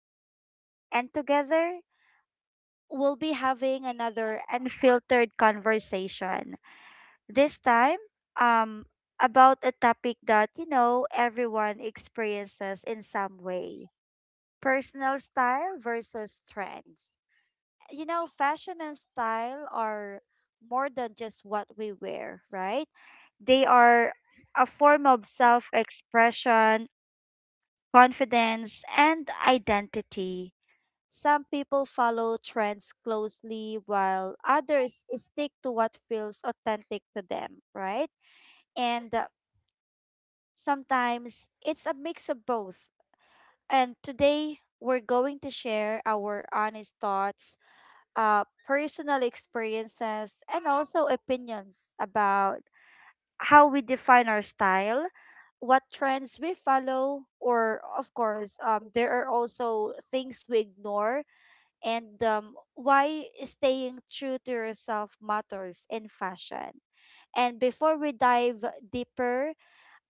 Angeli, and together we'll be having another unfiltered conversation. This time, um, about a topic that, everyone experiences in some way, personal style versus trends. You know, fashion and style are more than just what we wear, right? They are a form of self expression, confidence, and identity. Some people follow trends closely while others stick to what feels authentic to them, right? And sometimes it's a mix of both. And today, we're going to share our honest thoughts, personal experiences, and also opinions about how we define our style, what trends we follow, or of course, there are also things we ignore, and why staying true to yourself matters in fashion. And before we dive deeper,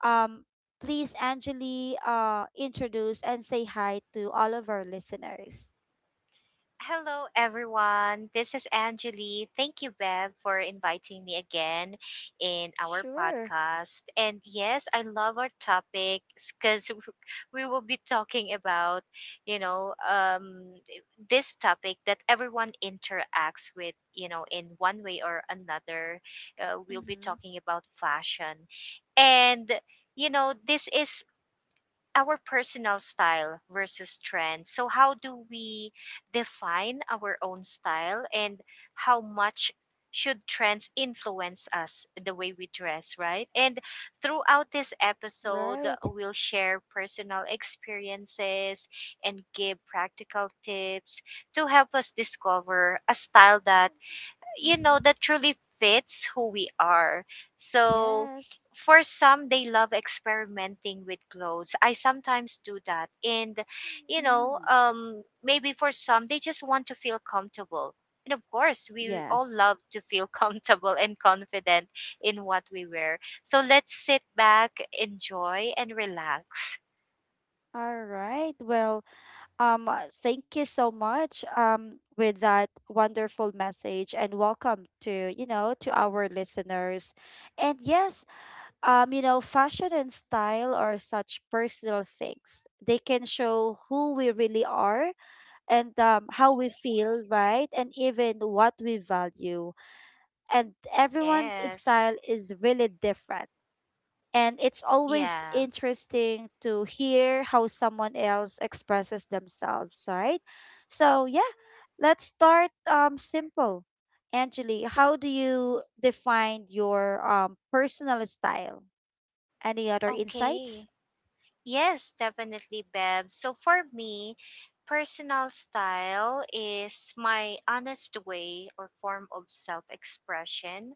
um, please, Angeli, introduce and say hi to all of our listeners. Hello, everyone. This is Angeli. Thank you, Bev, for inviting me again in our Sure. podcast. And yes, I love our topic because we will be talking about, you know, um, this topic that everyone interacts with, you know, in one way or another. We'll be Mm-hmm. talking about fashion. And you know, this is our personal style versus trend. So, how do we define our own style and how much should trends influence us the way we dress, right? And throughout this episode, Right. we'll share personal experiences and give practical tips to help us discover a style that that Mm-hmm. truly fits who we are. So Yes. for some, they love experimenting with clothes. I sometimes do that, and Mm, maybe for some, they just want to feel comfortable, and of course we all yes. love to feel comfortable and confident in what we wear. So let's sit back, enjoy, and relax. All right. Well, thank you so much, with that wonderful message and welcome to, to our listeners. And yes, you know, fashion and style are such personal things. They can show who we really are and how we feel, right? And even what we value. And everyone's Yes. style is really different. And it's always Yeah. interesting to hear how someone else expresses themselves, right? So, yeah, let's start simple. Angeli, how do you define your personal style? Any other insights? Okay. Yes, definitely, Bev. So for me, personal style is my honest way or form of self expression,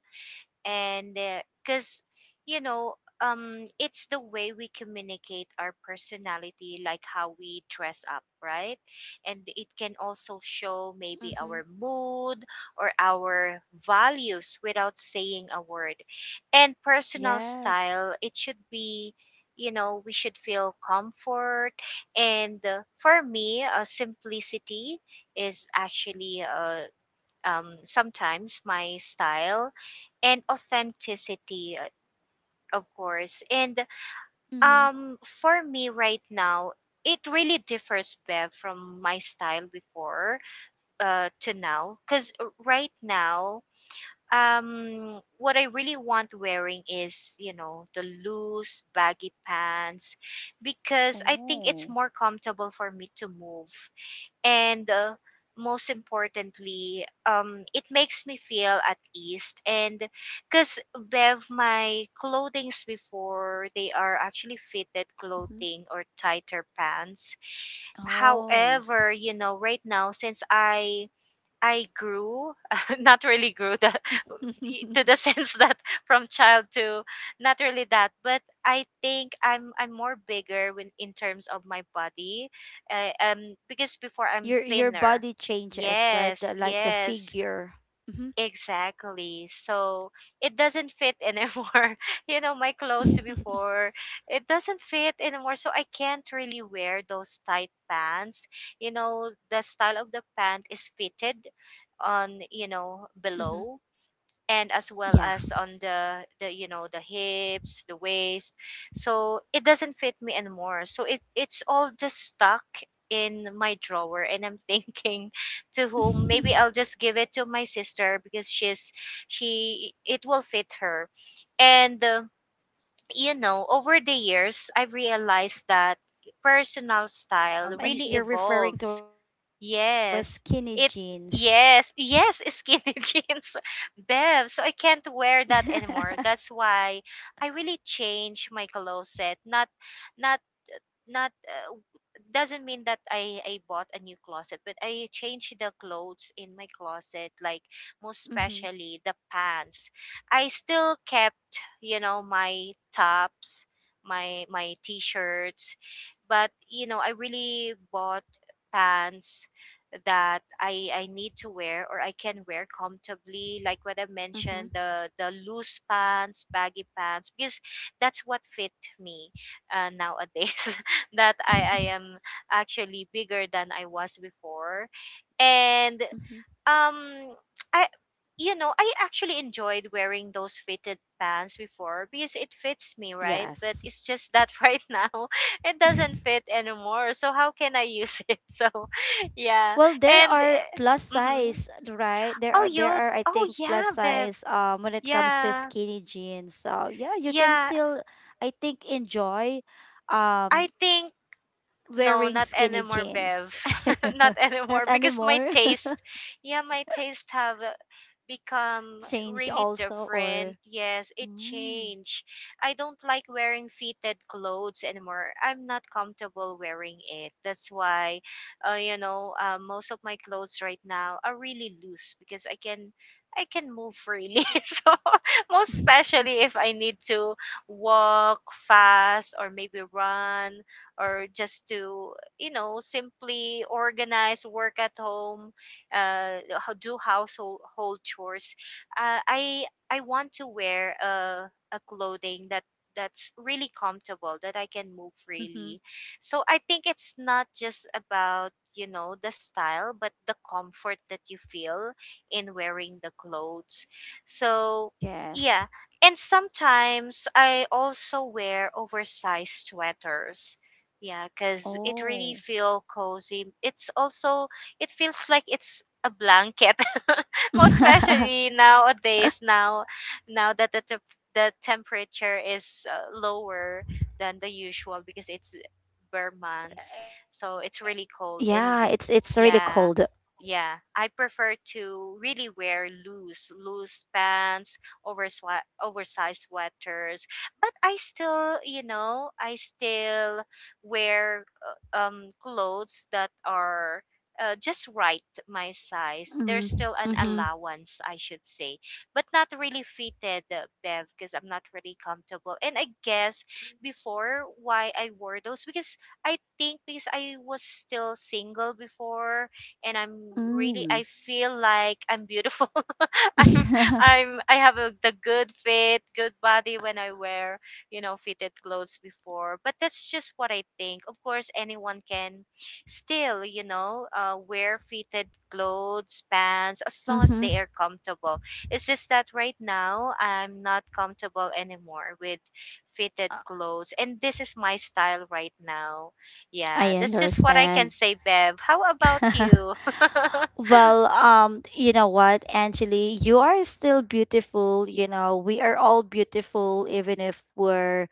and because you know it's the way we communicate our personality, like how we dress up, right? And it can also show maybe Mm-hmm. our mood or our values without saying a word. And personal Yes. style, it should be, we should feel comfort. And for me, simplicity is actually, sometimes my style, and authenticity, of course. And Mm-hmm. For me right now, it really differs, Bev, from my style before, to now. Because right now, what I really want wearing is, the loose, baggy pants, because I think Oh. it's more comfortable for me to move. And most importantly, it makes me feel at ease. And because, Bev, my clothings before, they are actually fitted Mm-hmm. clothing or tighter pants. Oh. However, right now, since I grew, not really grew, the to the sense that from child to, not really that, but I think I'm more bigger when in terms of my body, because before I'm your thinner. body changes, right? Yes, Like the yes, figure. Mm-hmm. exactly. So it doesn't fit anymore, my clothes before, it doesn't fit anymore, so I can't really wear those tight pants. You know, the style of the pant is fitted on, mm-hmm. Below, and as well as on the, the hips, the waist. So it doesn't fit me anymore, so it's all just stuck in my drawer, and I'm thinking to whom, Yeah. maybe I'll just give it to my sister, because she's she it will fit her. And over the years, I've like realized petite, that right? personal style And you're really referring to as evolves. skinny jeans. Yes. It Yes, yes, skinny jeans. Bev, so I can't wear that anymore. That's why I really changed my closet. Not not doesn't mean that I bought a new closet, but I changed the clothes in my closet, like, most mm-hmm, especially the pants. I still kept, my tops, my t-shirts. But I really bought pants that I need to wear, or I can wear comfortably, like what I mentioned, mm-hmm. the loose pants, baggy pants, because that's what fit me, nowadays, that I am actually bigger than I was before. And mm-hmm. um I I actually enjoyed wearing those fitted pants before because it fits me, right? But Yes. it's just that right now it doesn't fit anymore. So how can I use it? So yeah. Well, there And are plus mm-hmm. size, right? Oh There you are I Oh think plus yeah, Bev. size when it comes to Yeah. skinny jeans. So yeah, you can Yeah. still I think enjoy I um think No, wearing not skinny anymore, jeans. Bev. Not Not anymore, because my anymore. taste, yeah, my taste have, become Change really also or different. Yes, it mm. changed. I don't like wearing fitted clothes anymore. I'm not comfortable wearing it. That's why, most of my clothes right now are really loose, because I can. I can move freely. So, most especially if I need to walk fast, or maybe run, or just to, simply organize work at home, uh do household hold chores. uh, i I want to wear a clothing that's really comfortable, that I can move Mm-hmm. freely. So I think it's not just about, the style, but the comfort that you feel in wearing the clothes. So yeah. Yes. And sometimes I also wear oversized sweaters, yeah, because it really Oh. feel cozy. It feels like it's a blanket, most especially nowadays. Now that the the temperature is, lower than the usual, because it's bare months, so it's Yeah, really cold. it's And really cold. yeah, yeah, I prefer to really wear loose pants, oversized sweaters. But I still wear, clothes that are, just right my size. There's Mm, still an mm-hmm. allowance, I should say, but not really fitted, Bev, because I'm not really comfortable. And I guess before why I wore those, because I think because I was still single before, and I feel like I'm beautiful. I'm Mm. I have the good fit, good body when I wear, fitted clothes before. But that's just what I think. Of course anyone can still, wear fitted clothes, pants, as long as Mm-hmm. they are comfortable. It's just that right now I'm not comfortable anymore with fitted clothes, and this is my style right now. Yeah, I that's just what I understand. can say, Bev. How about you? Well, you know what, Angeli, you are still beautiful. You know, we are all beautiful, even if we're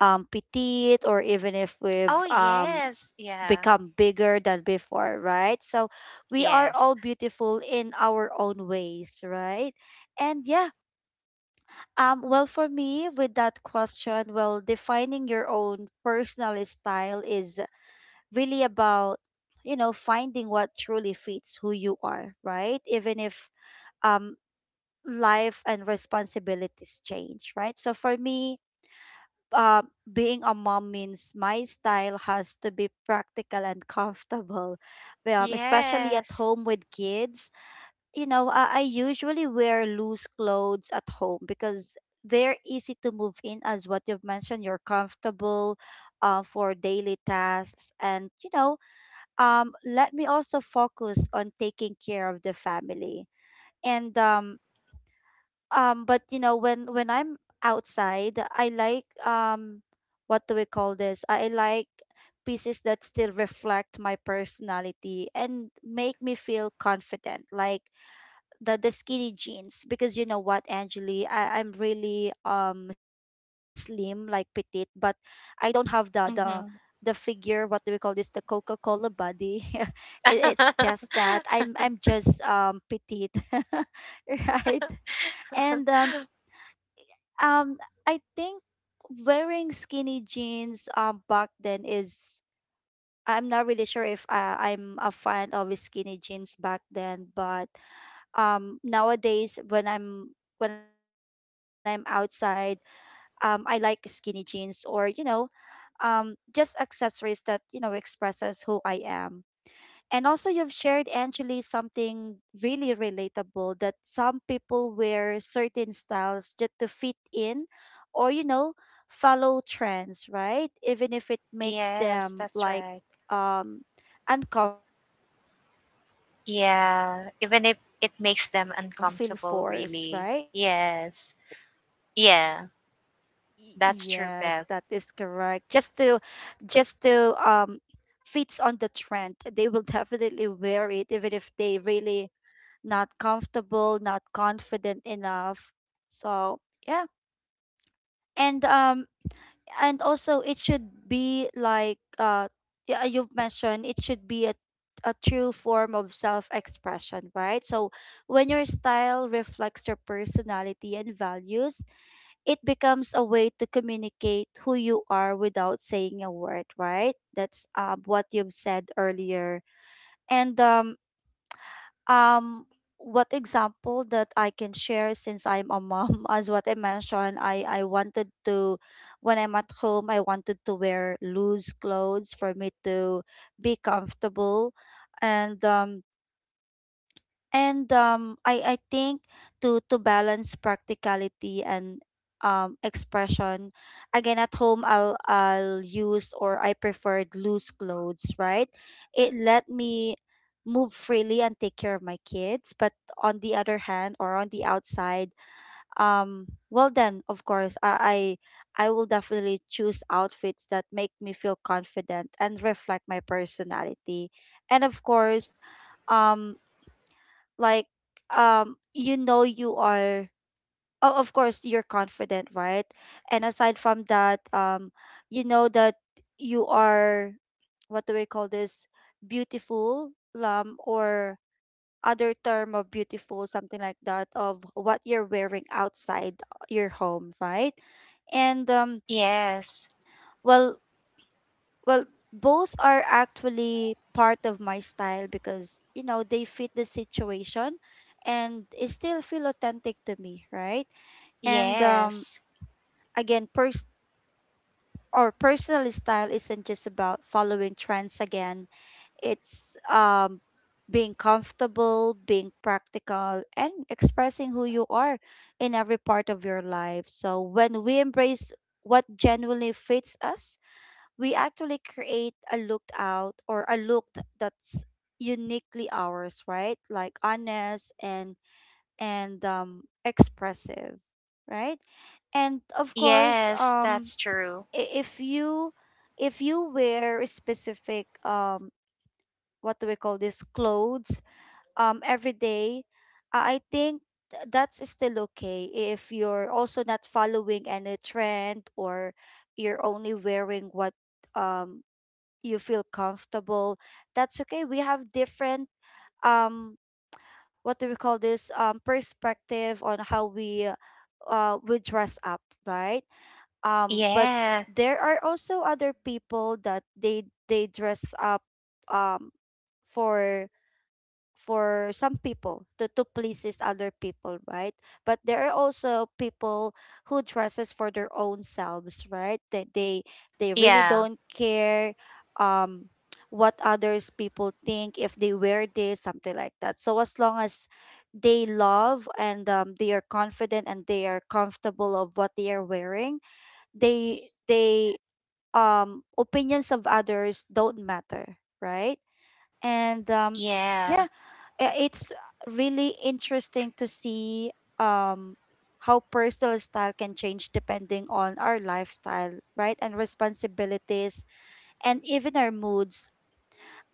petite or even if we've Oh yes, yeah. become bigger than before, right? So we are Yes, all beautiful in our own ways, right? And yeah, well, for me, with that question, well, defining your own personal style is really about you know finding what truly fits who you are, right, even if um, life and responsibilities change, right? So for me, uh, being a mom means my style has to be practical and comfortable, especially at yes. home with kids. You know, I usually wear loose clothes at home because they're easy to move in, as what you've mentioned. You're comfortable for daily tasks, and you know, let me also focus on taking care of the family. And but you know when I'm outside I like what do we call this, I like pieces that still reflect my personality and make me feel confident, like the skinny jeans, because you know what, Angeli, I'm really slim, like petite, but I don't have the Hmm. Figure, what do we call this, the Coca-Cola body. it, it's just that I'm just petite, right? And um, I think wearing skinny jeans back then is, I'm not really sure if I'm a fan of skinny jeans back then, but nowadays when I'm outside, I like skinny jeans or you know um just accessories that you know expresses who I am. And also, you've shared, Angeli, something really relatable, that some people wear certain styles just to fit in or, you know, follow trends, right? Even if it makes Yes, them that's like right. um, uncomfortable. You know, personal Yeah, style is even not if it makes supposed them to feel uncomfortable, forced, right? really. Yes. Yeah, Yes, that is that's true, correct. Bev. Just to fits on the trend, they will definitely wear it, even if they really not comfortable, not confident enough. So yeah, and um, and also it should be like yeah, you've mentioned it should be a true form of self-expression, right? So when your style reflects your personality and values, it becomes a way to communicate who you are without saying a word, right? That's what you've said earlier. And um, what example that I can share, since I'm a mom, as what I mentioned, I wanted to, when I'm at home, I wanted to wear loose clothes for me to be comfortable. And um, and I think to balance practicality and expression, again at home I'll use, or I preferred loose clothes, right? It let me move freely and take care of my kids, but on the other hand, or on the outside, well then of course I will definitely choose outfits that make me feel confident and reflect my personality, and of course. Um, like you know you are, oh, of course you're confident, right? And aside from that you know that you are, what do we call this, beautiful, or other term of beautiful, something like that, of what you're wearing outside your home, right? And Yes. well well, both are actually part of my style because, you know, they fit the situation and it still feel authentic to me, right? And Yes. again, pers or personal style isn't just about following trends again. It's being comfortable, being practical, and expressing who you are in every part of your life. So when we embrace what genuinely fits us, we actually create a looked out, or a that's uniquely ours, right? Like honest and expressive, right? And of course, Yes, that's true. i- if you if you wear a specific what do we call this, clothes every day, I think that's still okay, if you're also not following any trend, or you're only wearing what um you feel comfortable, that's okay. We have different um what do we call this, perspective on how we dress up, right? But Yeah. there are also other people that they dress up um for for some people, to pleases other people, right? But there are also people who dresses for their own selves, right, that they really Yeah. don't care um what others people think, if they wear this something like that. So as long as they love and they are confident and they are comfortable of what they are wearing, they they opinions of others don't matter, right? And Yeah. yeah, it's really interesting to see um, how personal style can change depending on our lifestyle, right? And responsibilities and even our moods.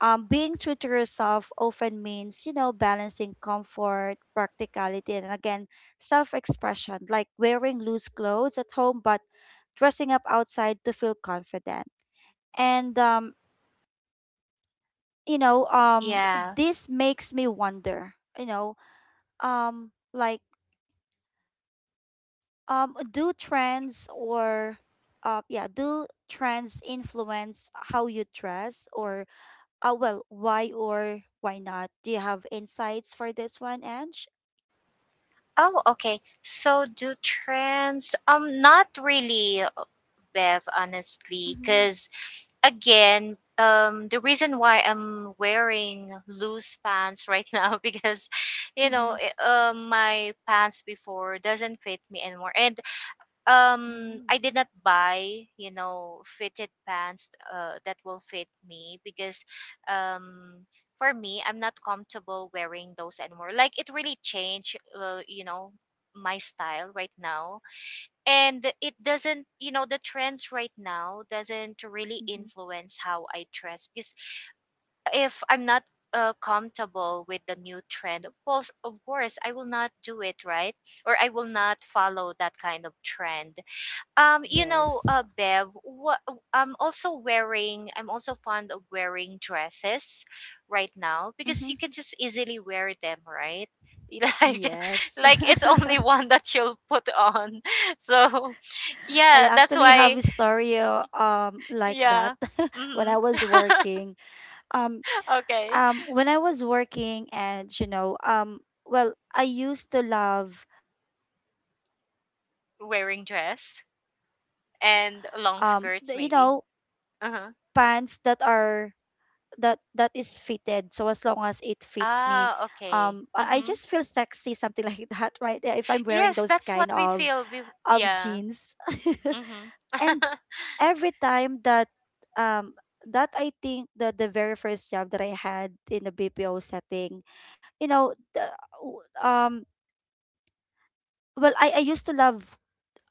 Being true to yourself often means, you know, balancing comfort, practicality, and again, self expression, like wearing loose clothes at home, but dressing up outside to feel confident. And you know Yeah. this makes me wonder, you know, like do trends or yeah, do trends influence how you dress, or well, why or why not? Do you have insights for this one, Ange? Oh, okay. So do trends, not really, Bev, honestly, Mm-hmm. because again, the reason why I'm wearing loose pants right now, because, you know, Mm-hmm. i- my pants before doesn't fit me anymore, and Mm-hmm, I did not buy, fitted pants, that will fit me, because, um, for me, I'm not comfortable wearing those anymore. Like, it really changed, my style right now. And it doesn't you know the trends right now doesn't really mm-hmm. influence how I dress, because if I'm not, comfortable with the new trend, of course, of course I will not do it, right? Or I will not follow that kind of trend. Yes. Bev, what I'm also wearing, I'm also fond of wearing dresses right now, Mm-hmm. because you can just easily wear them, right? Like, Yes. like, it's only one that you'll put on. So, I yeah, that's actually have why, a story like that, yeah. when Hmm. I was working. Um, Okay. When I was working, and you know well, I used to love wearing Wearing dress skinny jeans and or long skirts, maybe. You know Uh-huh. pants that are that is fitted, so as long as it fits me, Ah, okay. I Mm-hmm. just feel sexy, something like that, right? Yeah, if I'm Yes, wearing that's those what we kind feel. Of Yeah. jeans. Mm-hmm. and every time that um that I think that, the very first job that I had in a BPO setting, you know, w- um, well, I used to love,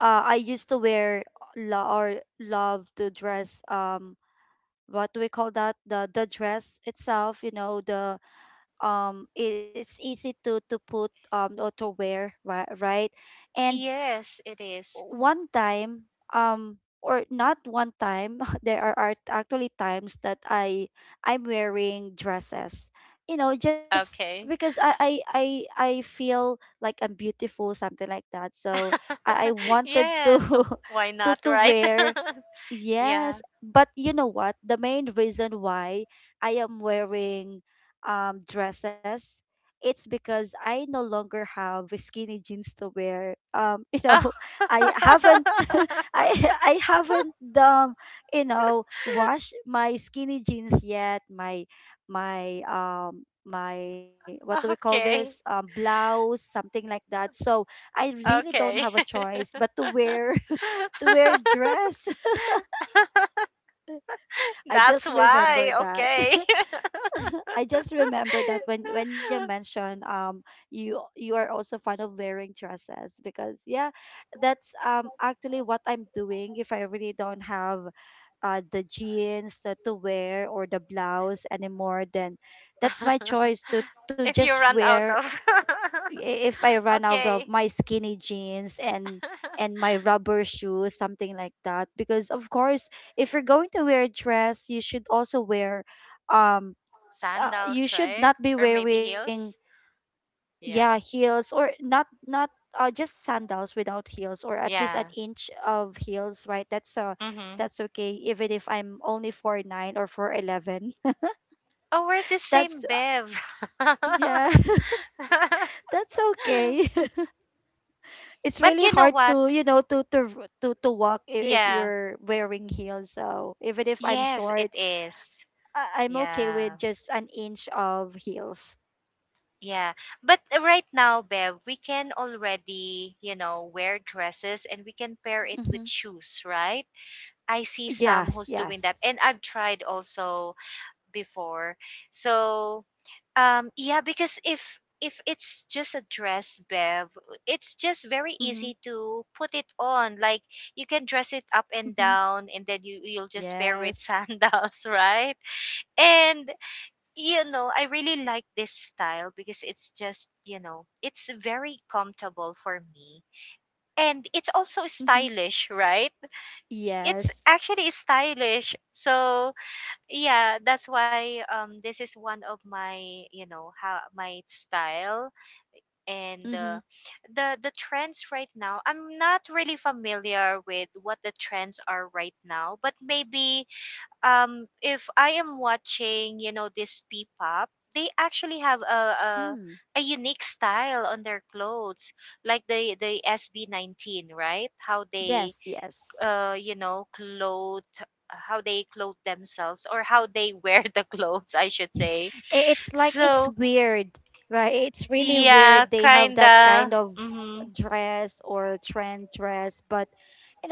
I used to wear lo- or love to dress, what do we call that, the dress itself, you know, the it's easy to put or to wear, right? Right, and Yes, it is. one time um or not one time, there are actually times that I'm wearing dresses, you know, just Okay. because I feel like I'm beautiful, something like that, so I wanted to Yes, so why not, to right? wear. Yeah. Yes, but you know what? The main reason why I am wearing dresses, it's because I no longer have skinny jeans to wear. You Oh. know, I haven't I I haven't you know, washed my skinny jeans yet. My what do we call this? Okay. Blouse, something like that. So I really don't have Okay. a choice but to wear, to wear dress. I That's just remember why. that. Okay. I just remember that when you mentioned you are also fond of wearing dresses because yeah, that's actually what I'm doing. If I really don't have the jeans to wear, or the blouse anymore, then that's my choice to If you just run out wear. of. If I run out of Okay. my skinny jeans and my rubber shoes, something like that. Because of course, if you're going to wear a dress, you should also wear, um, you Sandals, should right? not be Or maybe wearing, heels? yeah, Yeah. heels. Or not just sandals without heels, or at least an Yeah. inch of heels, right? That's Mm-hmm. that's okay, even if I'm only 4'9" or 4'11". Oh, we're the That's, same, Bev. yeah, that's okay. It's But really you know hard what? to, you know, to to walk if Yeah. you're wearing heels. So even if I'm Yes, it short, is. I'm okay Yeah. with just an inch of heels. Yeah. But right now, Bev, we can already, wear dresses, and we can pair it with Mm-hmm. shoes, right? I see some Yes, who's doing that. yes. And I've tried also before. So, yeah, because if it's just a dress, Bev, it's just very Mm-hmm. easy to put it on. Like, you can dress it up and Mm-hmm. down, and then you'll just pair with Yes. sandals, right? And I really like this style, because it's just you know, it's very comfortable for me, and it's also Mm-hmm. stylish, right? It's Yes. actually stylish, so yeah, that's why, this is one of my you know how my style. And Mm-hmm. The trends right now, I'm not really familiar with what the trends are right now. But maybe, if I am watching, this P-pop, they actually have a, a Mm. a unique style on their clothes, like the SB19, right? How they, Yes, yes. uh, you know, clothe clothe themselves, or how they wear the clothes, I should say. It's like So it's weird, right? It's really yeah, weird, they have that kinda. kind of Hmm. dress or trend dress. But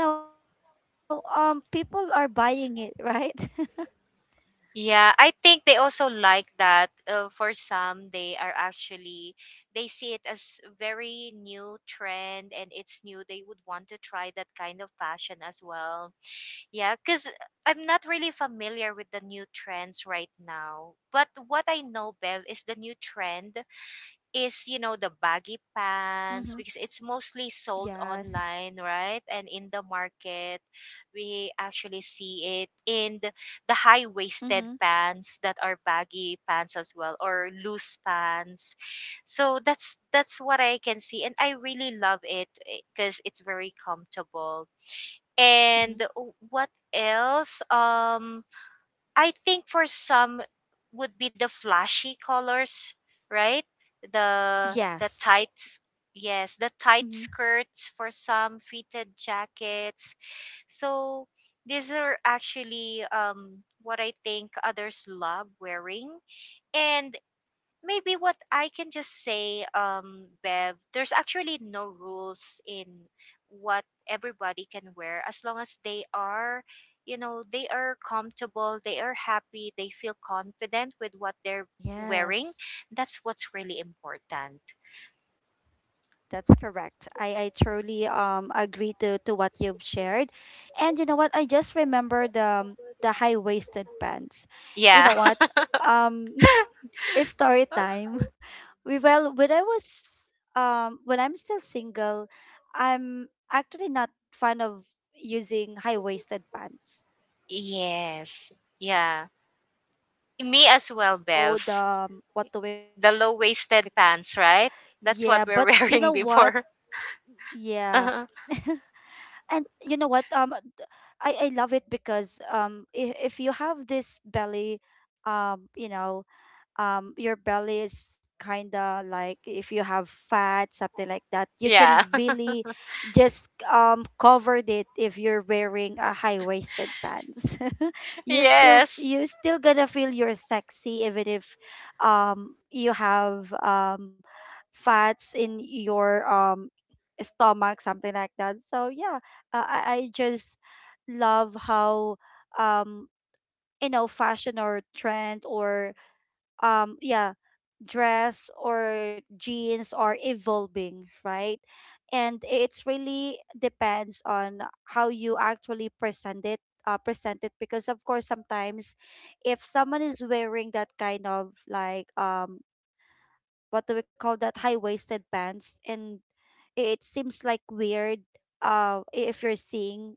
you know, people are buying it, right? Yeah, I think they also like that. For some, they are actually they see it as very new trend, and it's new. They would want to try that kind of fashion as well. Yeah, because I'm not really familiar with the new trends right now. But what I know, Bev, is the new trend is, the baggy Mm-hmm. pants, because it's mostly sold Yes. online, right, and in the market we actually see it in the high waisted Mm-hmm. pants, that are baggy pants as well, or loose pants. So that's what I can see, and I really love it because it's very comfortable. And Mm-hmm. what else? I think for some would be the flashy colors, right? The Yes. tights, yes, the tight Mm-hmm. skirts, for some fitted jackets. So these are actually what I think others love wearing. And maybe what I can just say, Bev, there's actually no rules in what everybody can wear as long as they are, they are comfortable, they are happy, they feel confident with what they're wearing. Yes. That's what's really important. That's correct. I truly agree to what you've shared. And you know what? I just remember the high waisted pants. You Yeah. know what? Um it's story time. We well when I was, when I'm still single, I'm actually not fan of using high waisted pants. I just wanted Yes. the Yeah. skinny jeans, that's Me as well, below the, Bev. What do we? The low waisted Yeah, but pants, you right? know what? That's what we're wearing before. Yeah. And you know what, I love it, because if you have this belly, you know, your belly is kind of like, if you have fat something like that, you can Yeah. really just cover it if you're wearing a high waisted pants. You still Yes. you still gonna feel you're sexy even if you have fats in your stomach, something like that. So yeah, I just love how um you know, fashion or trend or yeah, dress or jeans are evolving, right? And it's really depends on how you actually present it. Present it, because of course sometimes if someone is wearing that kind of like, what do we call that, high waisted pants, and it seems like weird if you're seeing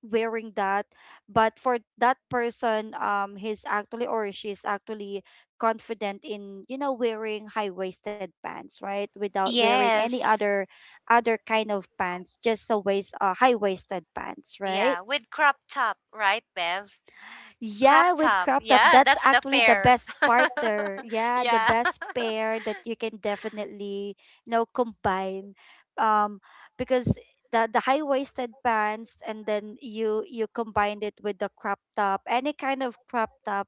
wearing that. But for that person, he's actually, or she's actually confident in, you know, wearing high-waisted pants, right? Without wearing any Yes. other kind of pants, just a waist, high-waisted pants, right? Yeah, with crop top, right, Bev? Yeah, Crop with top. crop top, Yeah, that's that's the actually the pair. best partner. Yeah, the Yeah. best pair that you can definitely, you know, combine. Um, because the high waisted pants, and then you combined it with the crop top, any kind of crop top,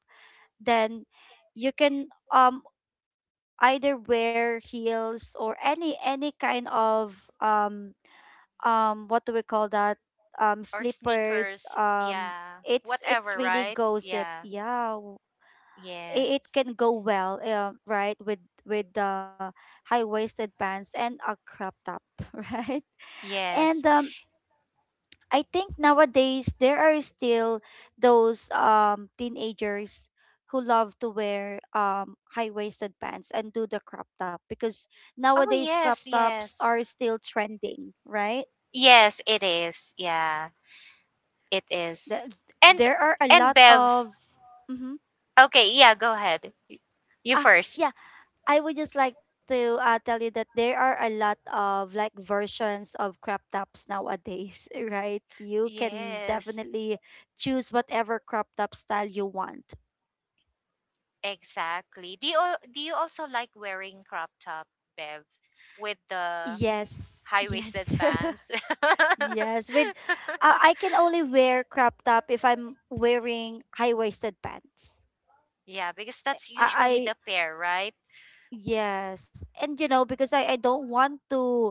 then you can either wear heels, or any kind of what do we call that, Or slippers, sneakers. Yeah. it's Whatever, really right? goes it, Yeah. yeah, it Yes. can go well right with the high waisted pants and a crop top, right? And Yes. I think nowadays there are still those teenagers who love to wear high waisted pants and do the crop top, because Oh, nowadays crop yes, tops yes. are still trending, right? Yes, it is. Yeah, it is. th- And there are a and lot Bev. of, mm-hmm. Okay, yeah, go ahead. Y- You ah first. yeah, I would just like to tell you that there are a lot of like versions of crop tops nowadays, right? You can Yes. definitely choose whatever crop top style you want. Exactly. Do you also like wearing crop top, Bev? With the Yes, high-waisted yes. pants. Yes, with I can only wear crop top if I'm wearing high-waisted pants. Yeah, because that's usually I, the pair, right? yes. And you know, because I don't want to,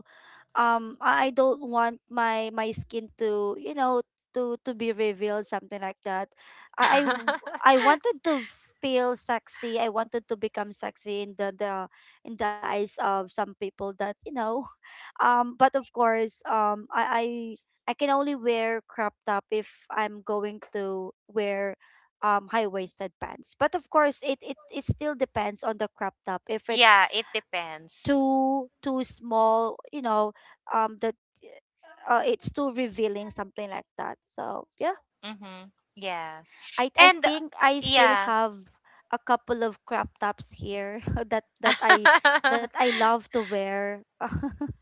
I don't want my, my skin to, you know, to be revealed, something like that. I, I wanted to feel sexy. I wanted to become sexy in the in the eyes of some people, that you know. But of course, I can only wear crop top if I'm going to wear high waisted pants. But of course, it still depends on the crop top. If it's Yeah, it depends. Too small, you know, that it's too revealing, something like that. So yeah, Mm-hmm. Yeah. I And think I still yeah. have a couple of crop tops here that that I love to wear.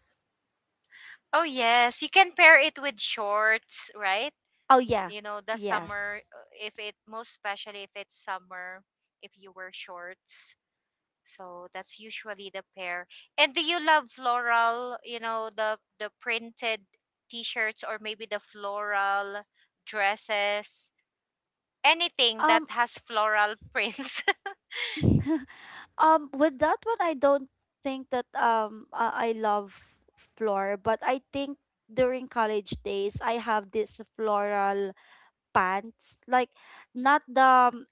Oh yes, you can pair it with shorts, right? Oh yeah. You know, the summer, Yes. If it most especially if it's summer, if you wear shorts. So that's usually the pair. And do you love floral, the printed t-shirts or maybe the floral dresses? Anything that um has floral prints. With that one, I don't think that I love floor, but I think during college days, I have this floral pants, like not the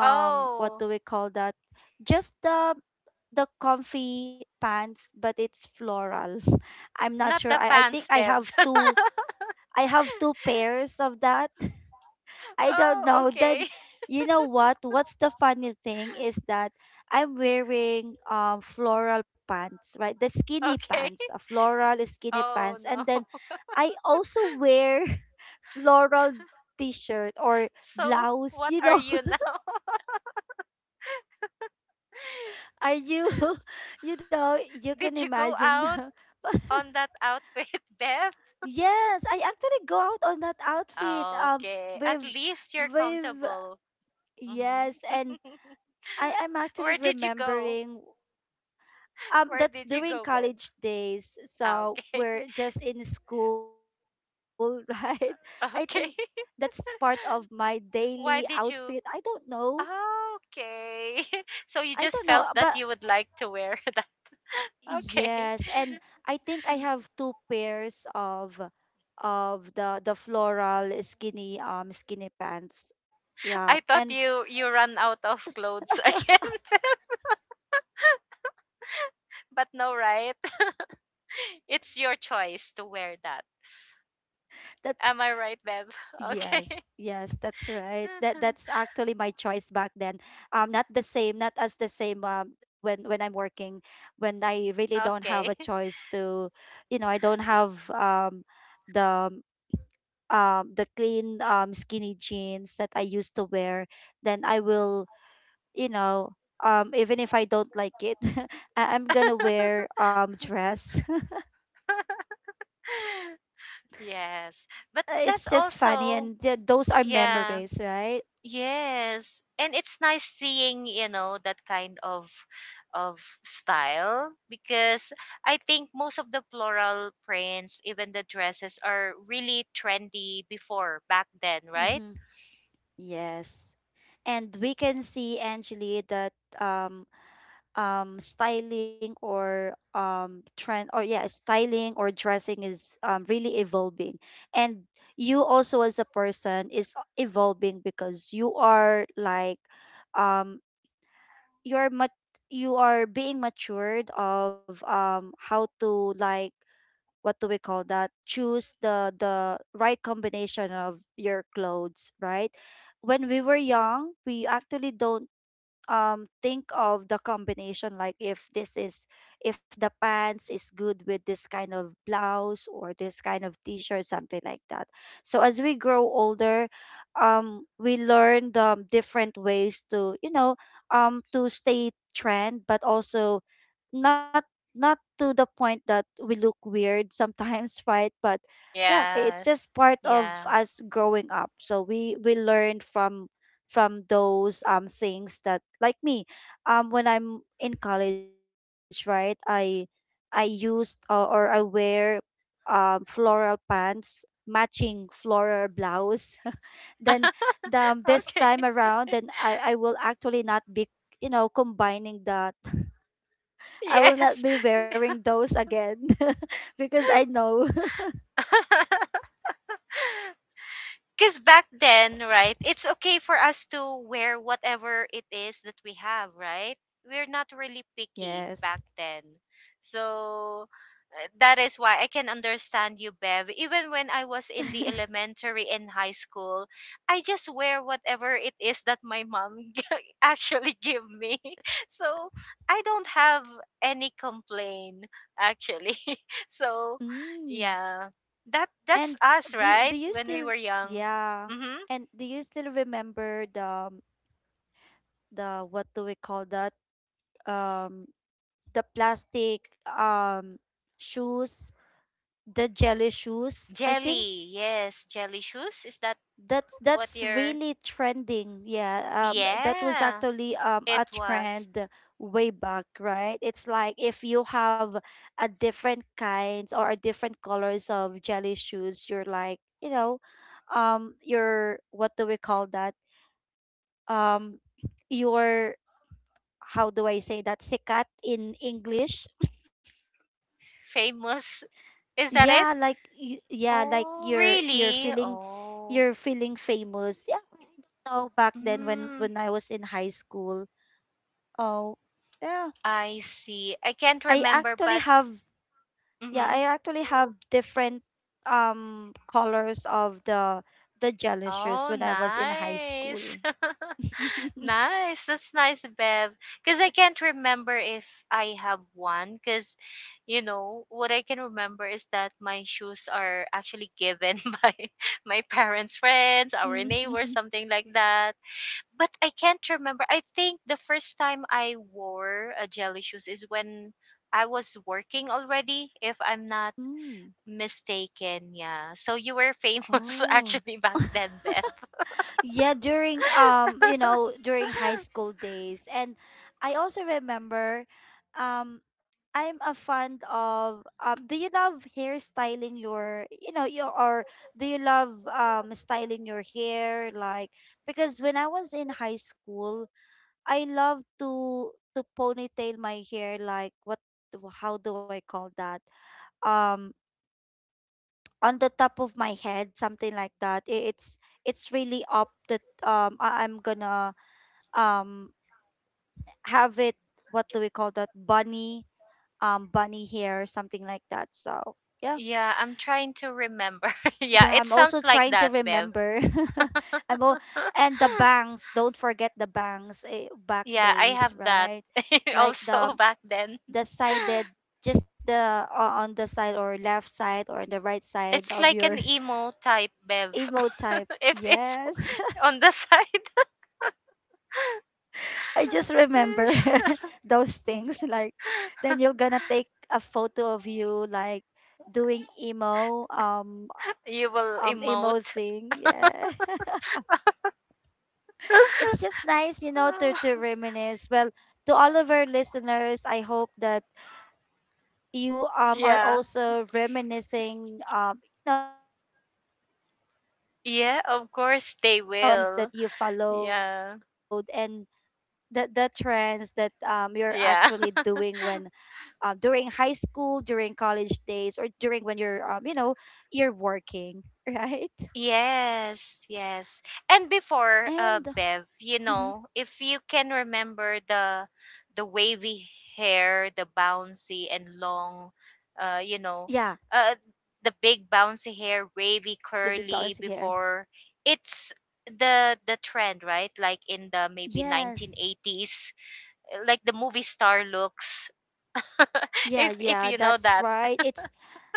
what do Oh, we call that? Just the comfy pants, but it's floral. I'm not not sure. the I think pants, I have Bev. two, I have two pairs of that. I don't Oh, know. okay. Then you know what? What's the funny thing is that I'm wearing floral pants, right? The skinny Okay. pants, a floral skinny Oh pants, no. and then I also wear floral t-shirt or So, blouse. what You are know, you now? are you? You know, you can Did you go imagine. out on that outfit, Bev? Yes, I actually go out on that outfit. Okay. At with least you're with comfortable. Mhm. yes, and I am Where actually did you go? remembering, Where that's did you during go, Bev? college days, Ah, so okay. we're just in school, right? I think that's Okay. part of my daily Why outfit. did I you? don't know, Ah, okay. So you I don't just know, felt but that you would like to wear that. Okay. yes. And I think I have two pairs of the floral skinny, skinny pants, yeah. I thought And you you run out of clothes again, but no, that's right? different. It's your choice to wear that. That's, Am I right, Bev? Okay. yes, yes, that's right. That, that's actually my choice back then. Not the same, not as the same. When I'm working, when I really don't Okay. have a choice to, you know, I don't have the, the clean skinny jeans that I used to wear. Then I will, you know, even if I don't like it, I'm gonna wear dress. Yes. But It's that's just funny, also. and those are Yeah. memories, right? Yes. And it's nice seeing, that kind of style, because I think most of the floral prints, even the dresses, are really trendy before back then, right? Mm-hmm. Yes. And we can see, Angeli, that um styling or trend, or yeah, styling or dressing is really evolving. And you also as a person is evolving, because you are like, um you're mat you are being matured of how to, like, what do we call that, choose the right combination of your clothes, right? When we were young, we actually don't think of the combination, like, if this is, if the pants is good with this kind of blouse or this kind of t-shirt, something like that. So as we grow older, we learn the different ways to, you know, to stay trend, but also not not to the point that we look weird sometimes, right? But yeah, it's Yes. just part of Yeah. us growing up, so we learn from those things. That like me, when I'm in college, right, I used, or I wear floral pants, matching floral blouse. Then the, this time Okay. around, then I will actually not be, you know, combining that. I will not Yes. be wearing those again. Because I know, Because back then, right, it's okay for us to wear whatever it is that we have, right? We're not really picky back yes, then. So that is why I can understand you, Bev. Even when I was in the elementary and high school, I just wear whatever it is that my mom actually give me. So I don't have any complaint actually. So mm. yeah. That's And us, right? do you When we still, were young. yeah. Mm-hmm. And do you still remember the what do we call that? Um the plastic um shoes, the jelly shoes. I think Jelly. Yes, jelly shoes. Is that that's what that's you're? really trending. Yeah. That was Yeah, actually a it was trend way back, right? It's like if you have a different kinds or a different colors of jelly shoes, you're like, you know, your what do we call that? um your, how do I say that, sikat in English? famous. Is that Yeah, it? like yeah, like Oh, you're really? feeling, Oh, you're feeling famous. Yeah, I don't know, back then when mm, when I was in high school. Oh, yeah. I see. I can't I remember, actually but have, yeah, I mhm. actually have different colors of the jelly shoes Oh, when I was in high school. nice. Nice. That's nice, Bev. Because I can't remember if I have one. Because, what I can remember is that my shoes are actually given by my parents' friends, our neighbors, something like that. But I can't remember. I think the first time I wore a jelly shoes is when I was working already, if I'm not Mm. mistaken. Yeah. So you were famous Oh. actually back then, Bev. Yeah, during during high school days. And I also remember, um I'm a fond of, um, do you love hairstyling your, your, or do you love, um, styling your hair? Like because when I was in high school, I love to ponytail my hair. Like what how do I call that? Um, on the top of my head, something like that. It's really up that, um, I'm gonna, um, have it. What do we call that? Bunny, um, bunny hair, something like that. So yeah. Yeah, I'm trying to remember. Yeah, it Yeah, I'm sounds also like trying that, to Bev. remember. I'm all, and the bangs, don't forget the bangs, eh, back Yeah, I have days, that right? Like the also back then. the sided, just the, on the side, or left side, or on the right side It's of like your. an emo type, Bev. Emo type, If it's yes. on the side, I just remember those things. Like then you're gonna take a photo of you, like doing emo, you will emo emote. thing, yeah. It's just nice, you know, to reminisce. Well, to all of our listeners, I hope that you, um, are Yeah. also reminiscing, um, your old, um, Yeah, of trends, or course they um, the will. trends that you Yeah. followed. And the trends that, um, you're Yeah. actually doing when, um, during high school, during college days, or during when you're, um, you're working, right? Yes, yes. And before, Bev, And mhm, if you can remember the wavy hair, the bouncy and long, uh, you know, yeah, uh, the big bouncy hair, wavy, the big curly. bounce here. Before, it's the trend, right? Like in the maybe Yes. 1980s, like the movie star looks. Yeah, If yeah, you know that's that. right. It's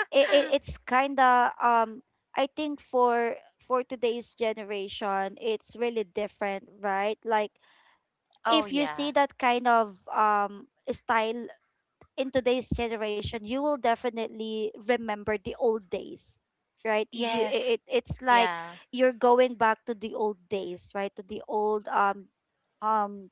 it's kind of, um, I think for today's generation, it's really different, right? Like Oh if you yeah. see that kind of, um, style in today's generation, you will definitely remember the old days, right? You Yes. it's like Yeah. you're going back to the old days, right? To the old, um, um,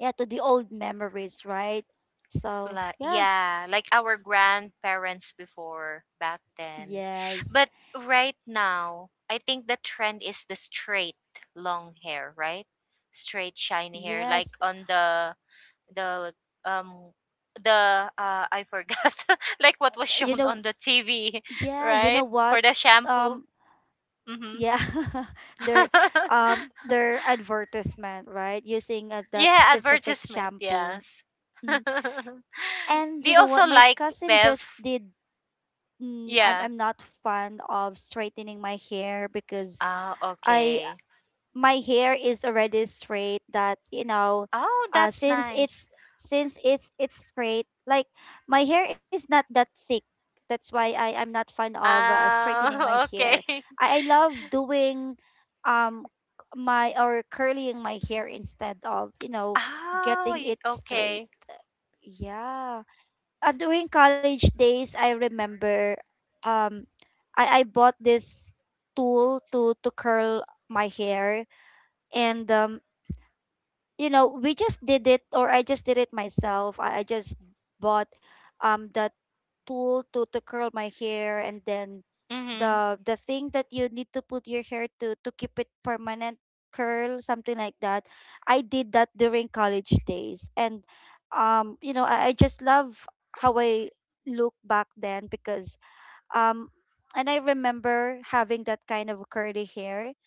yeah, to the old memories, right? So Like yeah, yeah, like our grandparents before back then. yes, But right now, I think the trend is the straight long hair, right? Straight shiny hair like yes. on the um the, I forgot like what was You shown know, on the TV, yeah, you know right? what? For the shampoo. Um, Mhm. yeah, their, um, their advertisement, right? Using, that Yeah, specific advertisement, shampoo. yes. Mm. And you They know what? also My like cousin Bev. just did mm, I'm Yeah. I'm not fond of straightening my hair because Oh, I, okay. my hair is already straight that you know, Oh, that's since nice. it's, it's straight. Like my hair is not that thick. That's why I'm not fond of, straightening my Oh, hair. okay. I love doing, um, my or curling my hair instead of, you know, Oh, getting it straight. okay. Yeah. During college days, I remember, um, I bought this tool to curl my hair. And um, you know, we just did it. Or I just did it myself. I just bought, um, the tool to curl my hair. And then Mm-hmm. the thing that you need to put your hair to keep it permanent curl, something like that. I did that during college days. And um, you know, I just love how I look back then, because um, and I remember having that kind of curly hair.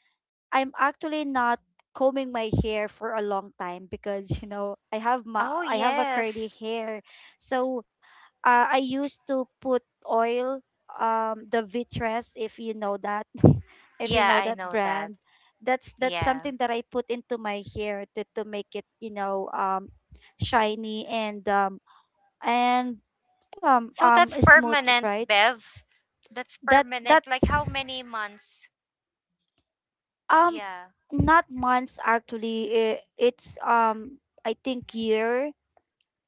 I'm actually not combing my hair for a long time because you know, Oh, I have a yes. curly hair, so, I used to put oil, the Vitress, if you know that, if you Yeah, know I that know that. brand. That's Yeah. something that I put into my hair to make it, you know, um, shiny and um, and um, So that's smooth, permanent, right? Bev. That's that permanent. Like how many that's months? um, Yeah. not months, actually. It's um, I think year,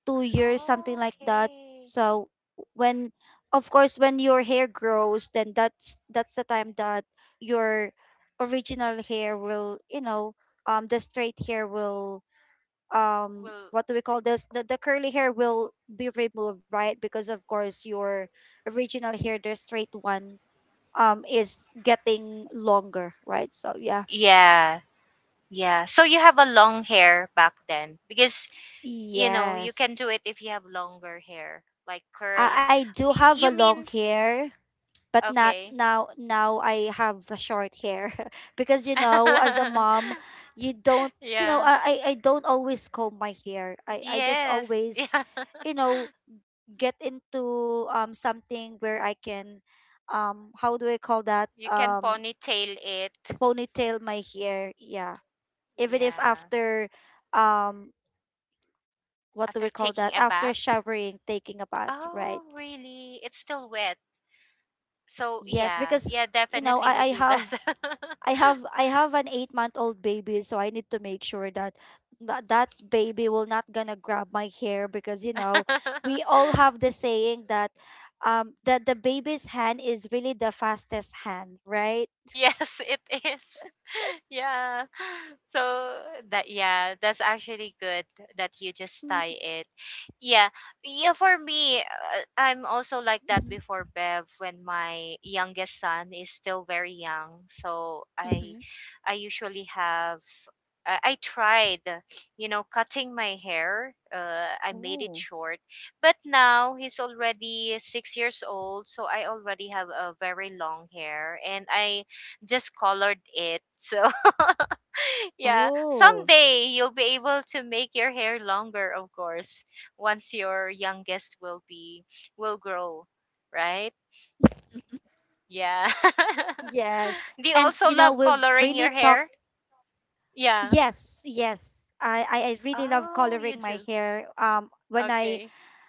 2 years, something Oh, like that. okay. So when, of course, when your hair grows, then that's the time that your original hair will, you know, um, the straight hair will, um, Well, what do we call this? The curly hair will be removed, right? Because of course your original hair, the straight one, um, is getting longer, right? So yeah. yeah. Yeah. So you have a long hair back then because, you can do it Yes. if you have longer hair, like curl. I do have a You long mean, hair, but not okay. now. Now I have a short hair because, you know, as a mom, you don't, you know, Yeah. I don't always comb my hair. I just Yes. always, Yeah. you know, get into, um, something where I can, um, how do I call that? You can Um, ponytail it. ponytail my hair. Yeah. Even if Yeah. after, um, what do we After call taking that? a After bath. showering, taking a bath, right? Oh, really? It's still wet. So, Yes, yeah. because Yeah, you know, definitely we do that. I have an 8 month old baby, so I need to make sure that, that baby will not gonna grab my hair, because you know, we all have the saying that um, that the baby's hand is really the fastest hand, right? Yes, it is. Yeah. So that yeah, that's actually good that you just tie it. Mm-hmm. Yeah. Yeah, for me, I'm also like that before, Bev, when my youngest son is still very young. So I Mm-hmm. usually have I tried, cutting my hair. I made it short. Oh. But now he's already 6 years old, so I already have a very long hair and I just colored it. So yeah, someday you'll be Oh. able to make your hair longer, of course, once your youngest will grow, right? Yeah. Do you Yes. also And love you know, coloring we've your really hair? talked. Yeah. Yes, yes. I really Oh, love you do. coloring my hair. When Okay. I,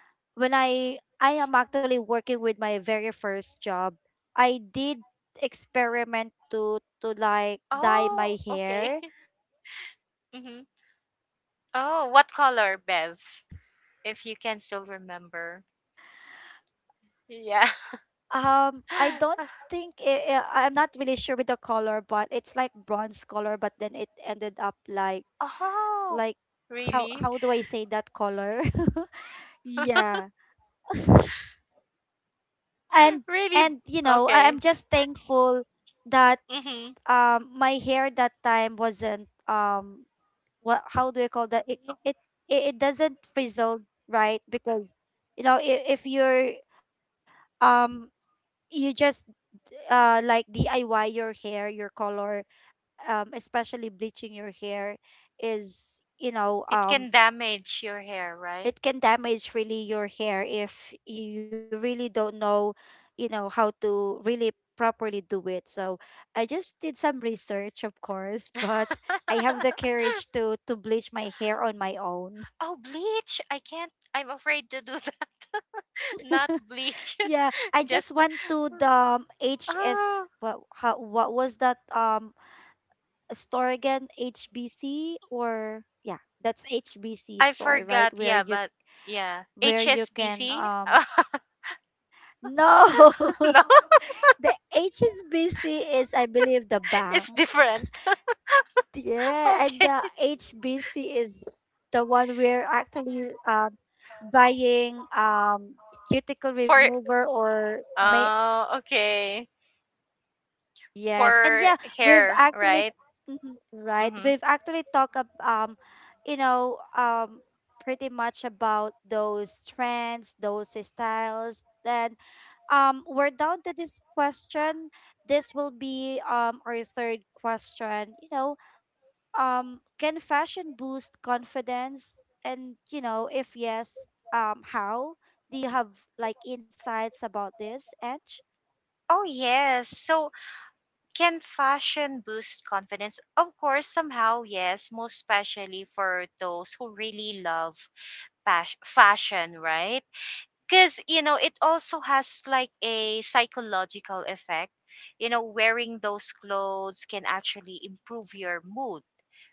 I am actually working with my very first job, I did experiment to like dye Oh, my okay. hair, or what hmm do we, what do we call, Oh, bleach what my color, hair Bev? that time. If you can still remember. Yeah. I don't think it, I'm not really sure with the color, but it's like bronze color. But then it ended up like Oh, like really? how, do I say that color? Yeah. And, Really? You know, Okay. I'm just thankful that Mm-hmm. um, my hair that time wasn't, um, what, how do I call that? It, doesn't frizzle, right? Because you know, if you're, um, you just, like DIY your hair, your color, um, especially bleaching your hair is, you know, It um, can damage your hair, right? it can damage really your hair if you really don't know, you know, how to really properly do it. So I just did some research, of course. But I have the courage to bleach my hair on my own. Oh, bleach. I can't. I'm afraid to do that. Not bleach. Yeah, I just Just went to the, hs Oh, what how, what was that um, store again, hbc, or yeah, that's hbc I store, right, forgot. where Yeah, you, but yeah, where you can, HSBC. um, no. No, The HSBC is, I believe, the bank. it's different. Yeah, and Okay. the HBC is the one we're actually, buying, cuticle For remover or may. Oh, okay. Yes, and For yeah, we've hair, actually right? mhm, right. Mm-hmm. We've actually talked you know, pretty much about those trends, those styles. Then, we're down to this question. This will be, um, our third question. You know, can fashion boost confidence? And you know, if yes, how? Do you have like insights about this, Edge? Oh yes. So can fashion boost confidence? Of course, somehow yes. Most especially for those who really love fashion, right? Because, it also has like a psychological effect. Wearing those clothes can actually improve your mood,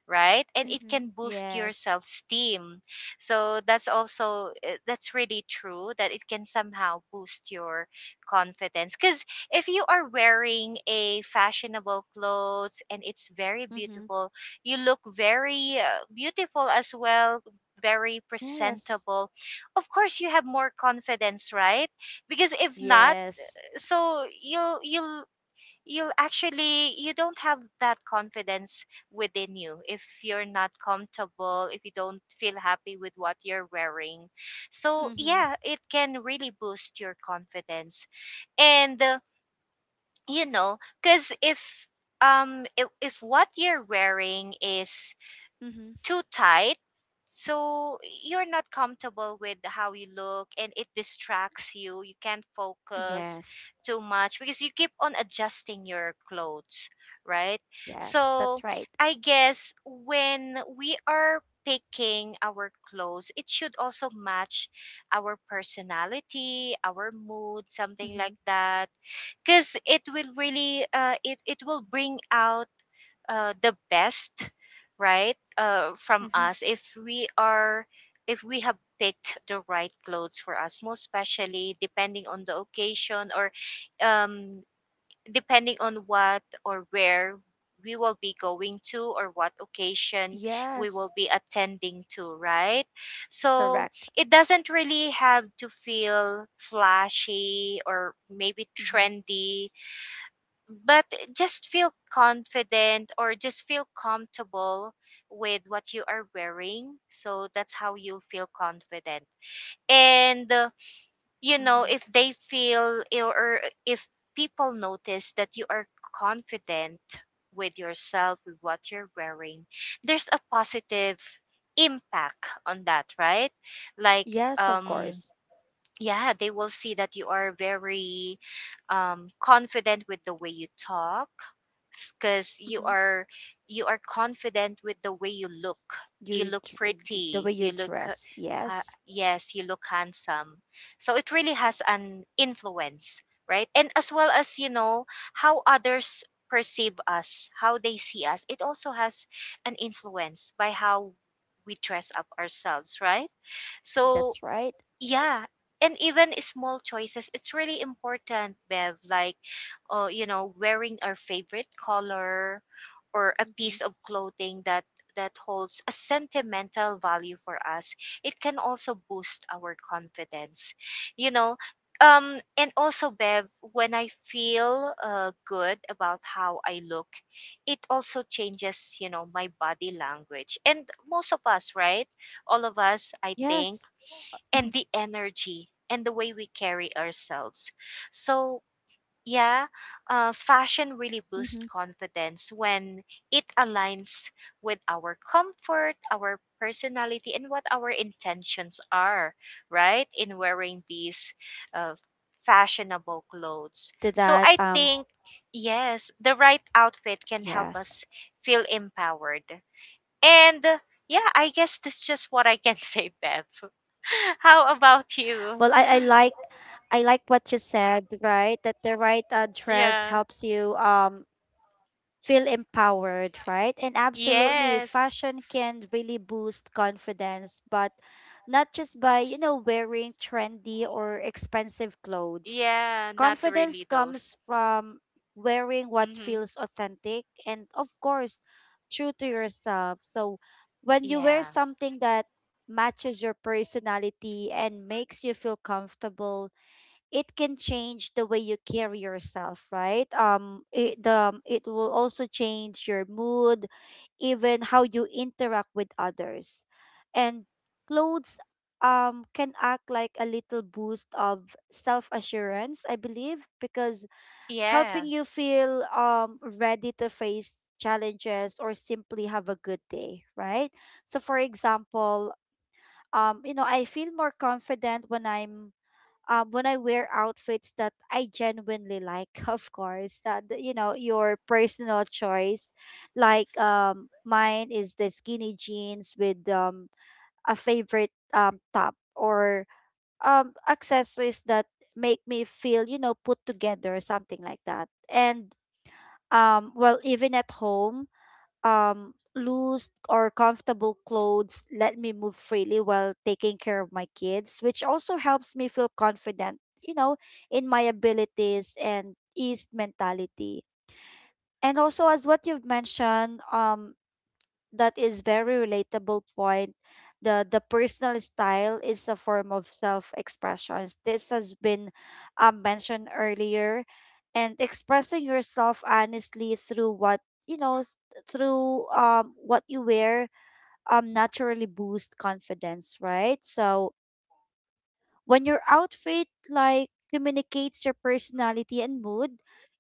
right, and it Mm-hmm. can boost your Yes. self esteem. So that's also that's really true that it can somehow boost your confidence, cuz if you are wearing a fashionable clothes and it's very Mm-hmm. beautiful, you look very beautiful as well, very Yes. presentable. Of course you have more confidence, right, because if not, Yes. so you'll actually, you don't have that confidence within you if you're not comfortable, if you don't feel happy with what you're wearing. So Mm-hmm. yeah, it can really boost your confidence. And you know because if if what you're wearing is Mm-hmm. too tight, so you're not comfortable with how you look, and it distracts you, you can't focus Yes. too much because you keep on adjusting your clothes, right? Yes. That's So right. I guess when we are picking our clothes, it should also match our personality, our mood, Mm-hmm. something like that, because it will really it will bring out the best, right, from Mm-hmm. us if we have picked the right clothes for us, most especially depending on the occasion, or um, depending on what or where we will be going to, or what occasion we Yes. will be attending to, right? So Correct. it doesn't really have to feel flashy or maybe Mm-hmm. trendy, but just feel confident, or just feel comfortable with what you are wearing. So that's how you feel confident. And Mm-hmm. if they feel or if people notice that you are confident with yourself, with what you're wearing, there's a positive impact on that, right? Like, Yes, of um course. yeah, they will see that you are very confident with the way you talk, because you Mm-hmm. are you are confident with the way you look, you You look the way pretty, you dress. Yes. yes, you look handsome. So it really has an influence, right? And as well as, you know, how others perceive us, how they see us, it also has an influence by how we dress up ourselves, right? So That's right. yeah. And even small choices, it's really important, Bev. Like, wearing our favorite color or a Mm-hmm. piece of clothing that holds a sentimental value for us. It can also boost our confidence, you know. And also, Bev, when I feel good about how I look, it also changes, my body language. And most of us, right? Yes. All of us, I Mm-hmm. think, and the energy and the way we carry ourselves. So, yeah, fashion really Mm-hmm. boosts confidence when it aligns with our comfort, our personality, and what our intentions are, right? In wearing these uh, Yes. I totally fashionable agree to clothes. that. So, I think, yes, the right Yes. outfit can help us feel empowered, and yeah, I guess that's just what I can say, Bev. How Well, about I you? like. I like what you said, right? That the right, dress Yeah. helps you, um, feel empowered, right? And absolutely, Yes. fashion can really boost confidence, but not just by, you know, wearing trendy or expensive clothes. Yeah, not Confidence really those. comes from wearing what Mm-hmm. feels authentic and, of course, true to yourself. So when you wear Yeah. something that matches your personality and makes you feel comfortable, it can change the way you carry yourself, right? It will also change your mood, even how you interact with others. And clothes, can act like a little boost of self assurance, I believe, because helping Yeah. you feel, ready to face challenges or simply have a good day, right? So, for example, you know, I feel more confident when I'm, when I wear outfits that I genuinely like, of course, you know, your personal choice. Like mine is the skinny jeans with, a favorite, top, or accessories that make me feel, you know, put together, something like that. And well, even at home, um, loose or comfortable clothes let me move freely while taking care of my kids, which also helps me feel confident, you know, in my abilities and ease mentality. And also as what you've mentioned, um, that is very relatable point. The personal style is a form of self expression. This has been, mentioned earlier, and expressing yourself honestly through what, you know s- through, um, what you wear um, naturally boosts confidence, right? So when your outfit like communicates your personality and mood,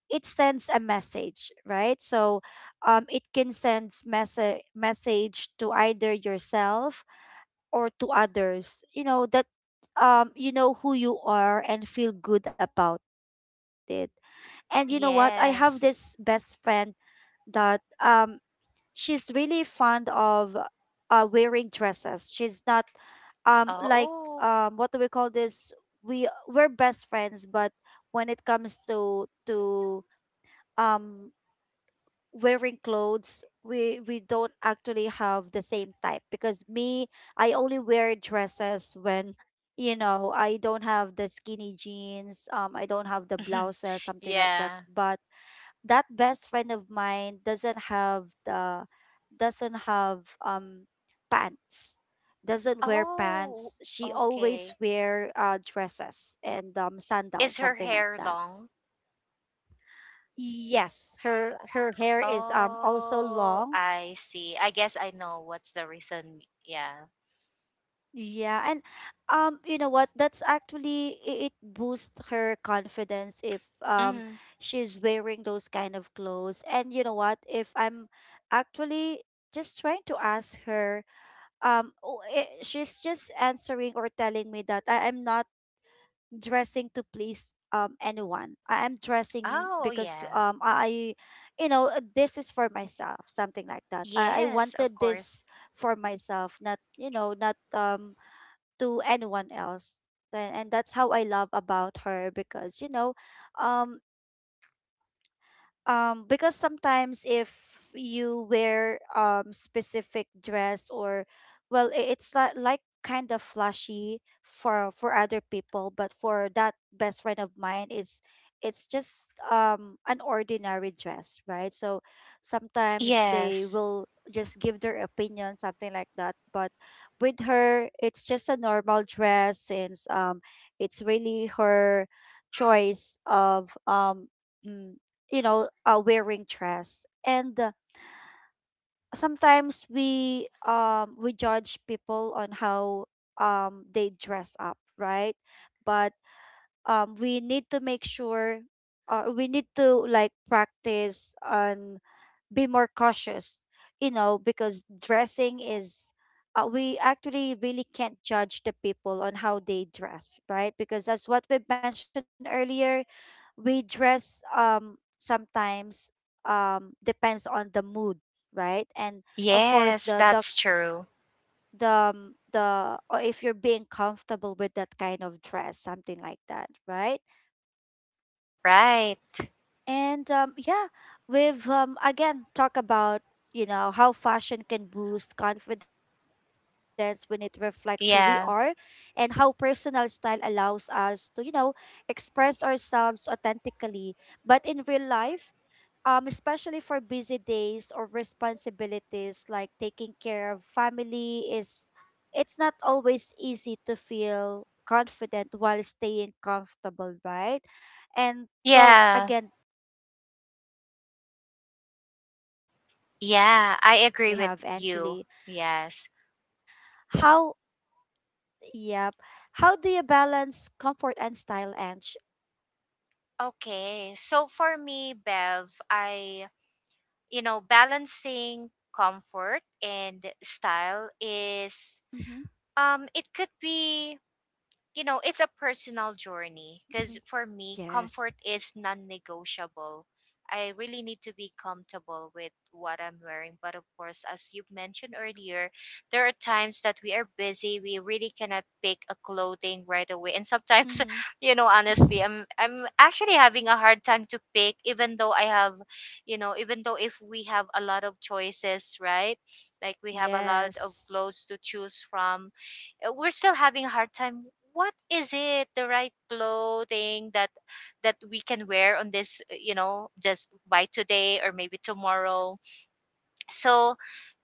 it sends a message, right? So um, it can send message to either yourself or to others. You know that um, you know who you are and feel good about it. And you know what? I have this best Yes. friend that, um, she's really fond of, wearing dresses. She's not, um, like, Oh. um, what do we call this? We we're best friends, but when it comes to um, wearing clothes, we, don't actually have the same type, because me, I only wear dresses when, you know, I don't have the skinny jeans, um, I don't have the blouses, something like that. Yeah. But that best friend of mine doesn't have the, doesn't have um, pants, doesn't wear Oh, pants. She always okay. wear, dresses and, um, sandals, Is her something like hair that. long? Yes, her hair is, um, also Oh, long. I see. I guess I know what's the reason. Yeah. Yeah. And um, you know what? That's actually it boosts her confidence if, um, Mm-hmm. she's wearing those kind of clothes. And you know what? If I'm actually just trying to ask her, um, oh, eh, she's just answering or telling me that I am not dressing to please, um, anyone. I am dressing Oh, because yeah. um, I, you know, this is for myself, something like that. I Yes, of wanted course. this for myself, not, you know, not, um, to anyone else. And that's how I love about her because you know, um because sometimes if you wear specific dress or it's like kind of flashy for other people, but for that best friend of mine is it's just an ordinary dress, right? So sometimes they Yes. will just give their opinion, something like that, but with her it's just a normal dress since it's really her choice of mm, wearing dress. And sometimes we judge people on how they dress up, right? But we need to make sure we need to like practice on be more cautious, you know, because dressing is, we actually really can't judge the people on how they dress, right? Because as what we mentioned earlier, we dress sometimes depends on the mood, right? And of course Yes, the that's true. The, or if you're being comfortable with that kind of dress, something like that, right? Right. And yeah, we've again talk about, you know, how fashion can boost confidence when it reflects who we are, and Yeah. how personal style allows us to, you know, express ourselves authentically. But in real life, especially for busy days or responsibilities like taking care of family is it's not always easy to feel confident while staying comfortable, right? And well, Yeah. again, that makes me wonder with the Yeah, I next agree with question we you. have, Angeli. Yes. how yep how do you balance comfort and style, Ange? Okay. So for me, Bev, balancing comfort and style is, Mm-hmm. it could be, it's a personal journey, because for Mm-hmm. me, comfort is Yes. non negotiable. I really need to be comfortable with what I'm wearing. But of course, as you mentioned earlier, there are times that we are busy. We really cannot pick a clothing right away. And sometimes, Mm-hmm. Honestly, I'm actually having a hard time to pick, even though I have, you know, even though if we have a lot of choices, right? Like we have a lot of Yes. clothes to choose from, we're still having a hard time what is it the right clothing that we can wear on this, just by today or maybe tomorrow. So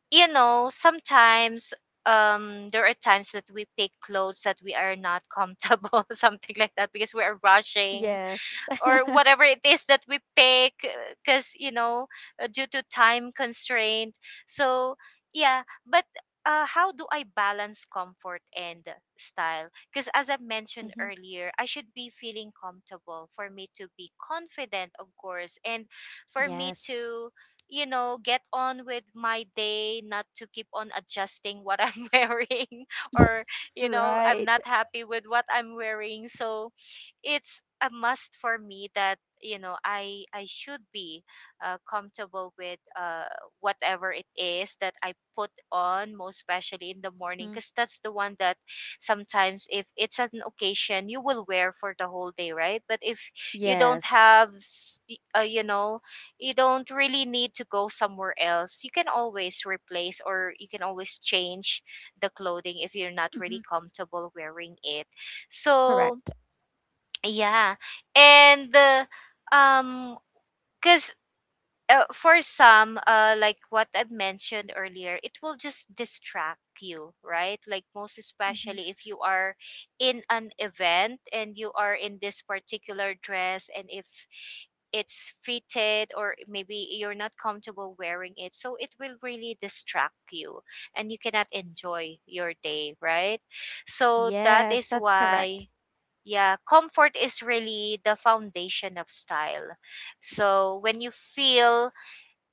sometimes, there are times that we pick clothes that we are not comfortable something like that, because we are rushing Yes. or whatever it is that we pick, because due to time constraint. So yeah. But how do I balance comfort and style? Because as I mentioned Mm-hmm. earlier, I should be feeling comfortable for me to be confident, of course, and for me Yes. to get on with my day, not to keep on adjusting what I'm wearing, or I'm Right. not happy with what I'm wearing. So it's a must for me that I should be comfortable with whatever it is that I put on, most especially in the morning, Hmm. because that's the one that sometimes if it's an occasion you will wear for the whole day, right? But if you don't Yes. have, you don't really need to go somewhere else, you can always replace or you can always change the clothing if you're not really Mm-hmm. comfortable wearing it. So Correct. yeah. And um cuz, for some, like what I've mentioned earlier, it will just distract you, right? Like most Mm-hmm. especially if you are in an event and you are in this particular dress, and if it's fitted or maybe you're not comfortable wearing it, so it will really distract you and you cannot enjoy your day, right? So that Yes, is that's why, correct. yeah, comfort is really the foundation of style. So when you feel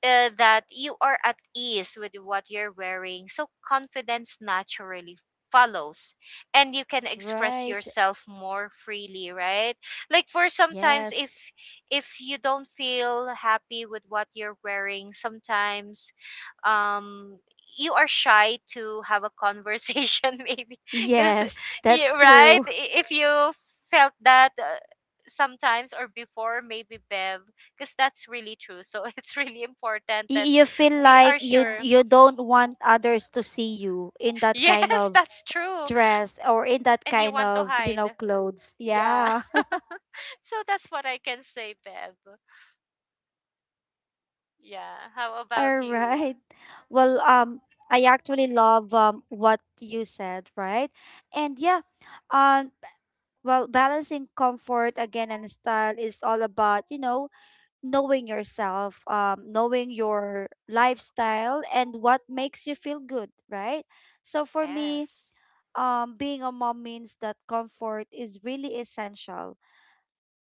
that you are at ease with what you're wearing, so confidence naturally follows, and you can express Right. yourself more freely, right? Like for sometimes, if Yes. if you don't feel happy with what you're wearing sometimes, um you are shy to have a conversation maybe. Is, Yes, yeah, that's right, true. If you felt that sometimes or before, maybe, Bev, because that's really true. So it's really important that You feel we like are you sure. you don't want others to see you in that kind Yes, of that's true. dress, or in that And you kind want to of, you know, hide. clothes. Yeah. Yeah. So that's what I can say, Bev. Yeah. How about All you? right. Well, I actually love what you said, right? And yeah, um well, balancing comfort again and style is all about, you know, knowing yourself, knowing your lifestyle and what makes you feel good, right? So for me, Yes. Being a mom means that comfort is really essential,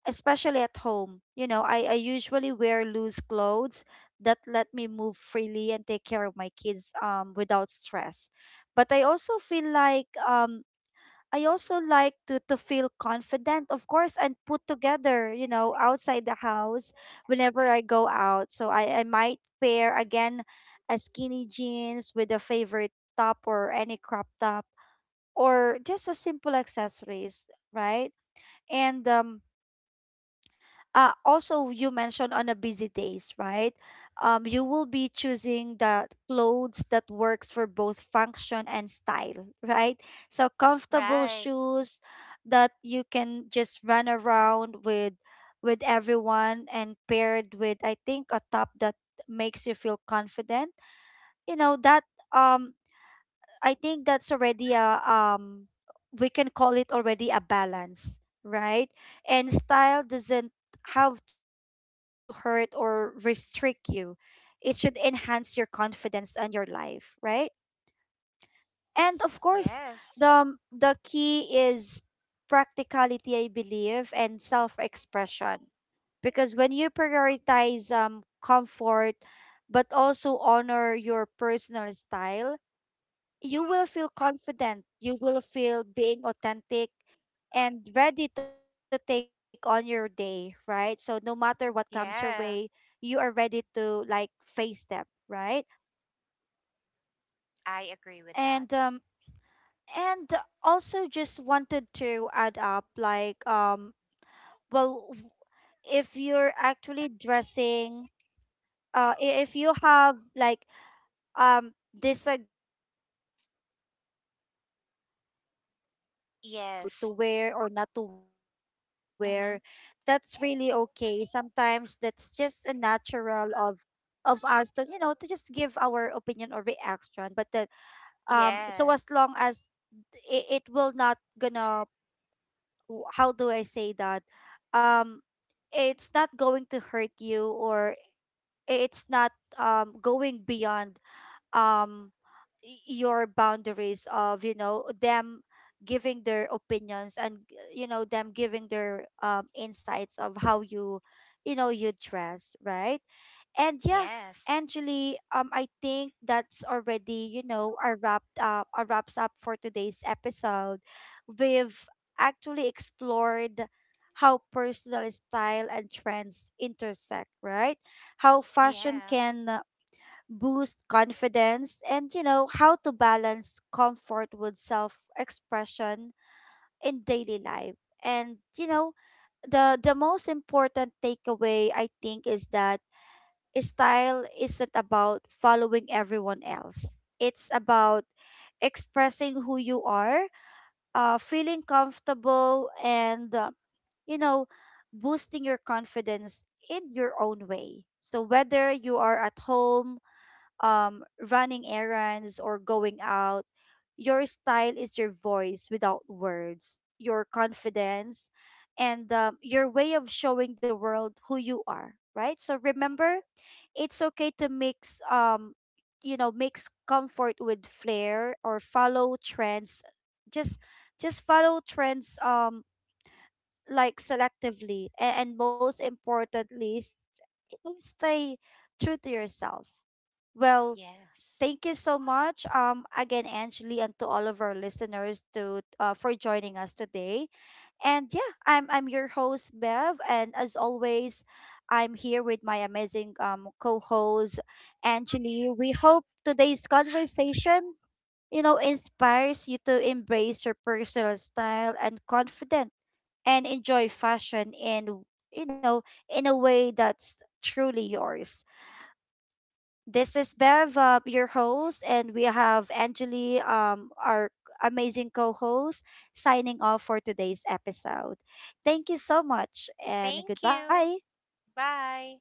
especially at home. You know, I usually wear loose clothes that let me move freely and take care of my kids without stress. But I also feel like I also like to feel confident, of course, and put together, you know, outside the house whenever I go out. So I might pair again a skinny jeans with a favorite top, or any crop top, or just a simple accessories, right? And also you mentioned on a busy days, right? Um, you will be choosing the clothes that works for both function and style, right? So comfortable Right. shoes that you can just run around with, everyone, and paired with, I think, a top that makes you feel confident, you know, that um I think that's already a we can call it already a balance, right? And style doesn't have to hurt or restrict you. It should enhance your confidence and your life, right? And of course, Yes. The key is practicality, I believe, and self-expression. Because when you prioritize comfort but also honor your personal style, you will feel confident. You will feel being authentic and ready to take on your day, right? So no matter what comes your way, Yeah. you are ready to like face them, right? I agree with And that. um and also just wanted to add up like, um, well, if you're actually dressing if you have like disagree sometimes of what others are telling you Yes. to wear or not to wear, Mhm. that's really okay. Sometimes that's just a natural of us to, you know, to just give our opinion or reaction. But that, Yeah. So as long as it will not gonna how do I say that, um it's not going to hurt you, or it's not going beyond um your boundaries of, you know, them giving their opinions, and you know, them giving their insights of how you, you know, you dress, right? And yeah, Yes. Angeli, I think that's already, you know, a wraps up for today's episode. We've actually explored how personal style and trends intersect, right? How fashion Yeah. can boost confidence, and you know, how to balance comfort with self expression in daily life. And you know, the most important takeaway I think is that style isn't about following everyone else. It's about expressing who you are, feeling comfortable, and you know, boosting your confidence in your own way. So whether you are at home, um, running errands or going out, your style is your voice without words, your confidence, and your way of showing the world who you are, right? So remember, it's okay to mix, you know, mix comfort with flair or follow trends. Just, just follow trends, like selectively, and most importantly, you know, stay true to yourself. Well, Yes. thank you so much, again, Angeli, and to all of our listeners to for joining us today. And yeah, I'm your host Bev, and as always, I'm here with my amazing co-host Angeli. We hope today's conversation, you know, inspires you to embrace your personal style and confident and enjoy fashion in, you know, in a way that's truly yours. This is Bev, your host, and we have Angeli, our amazing co host, signing off for today's episode. Thank you so much, and Thank goodbye. you. Bye.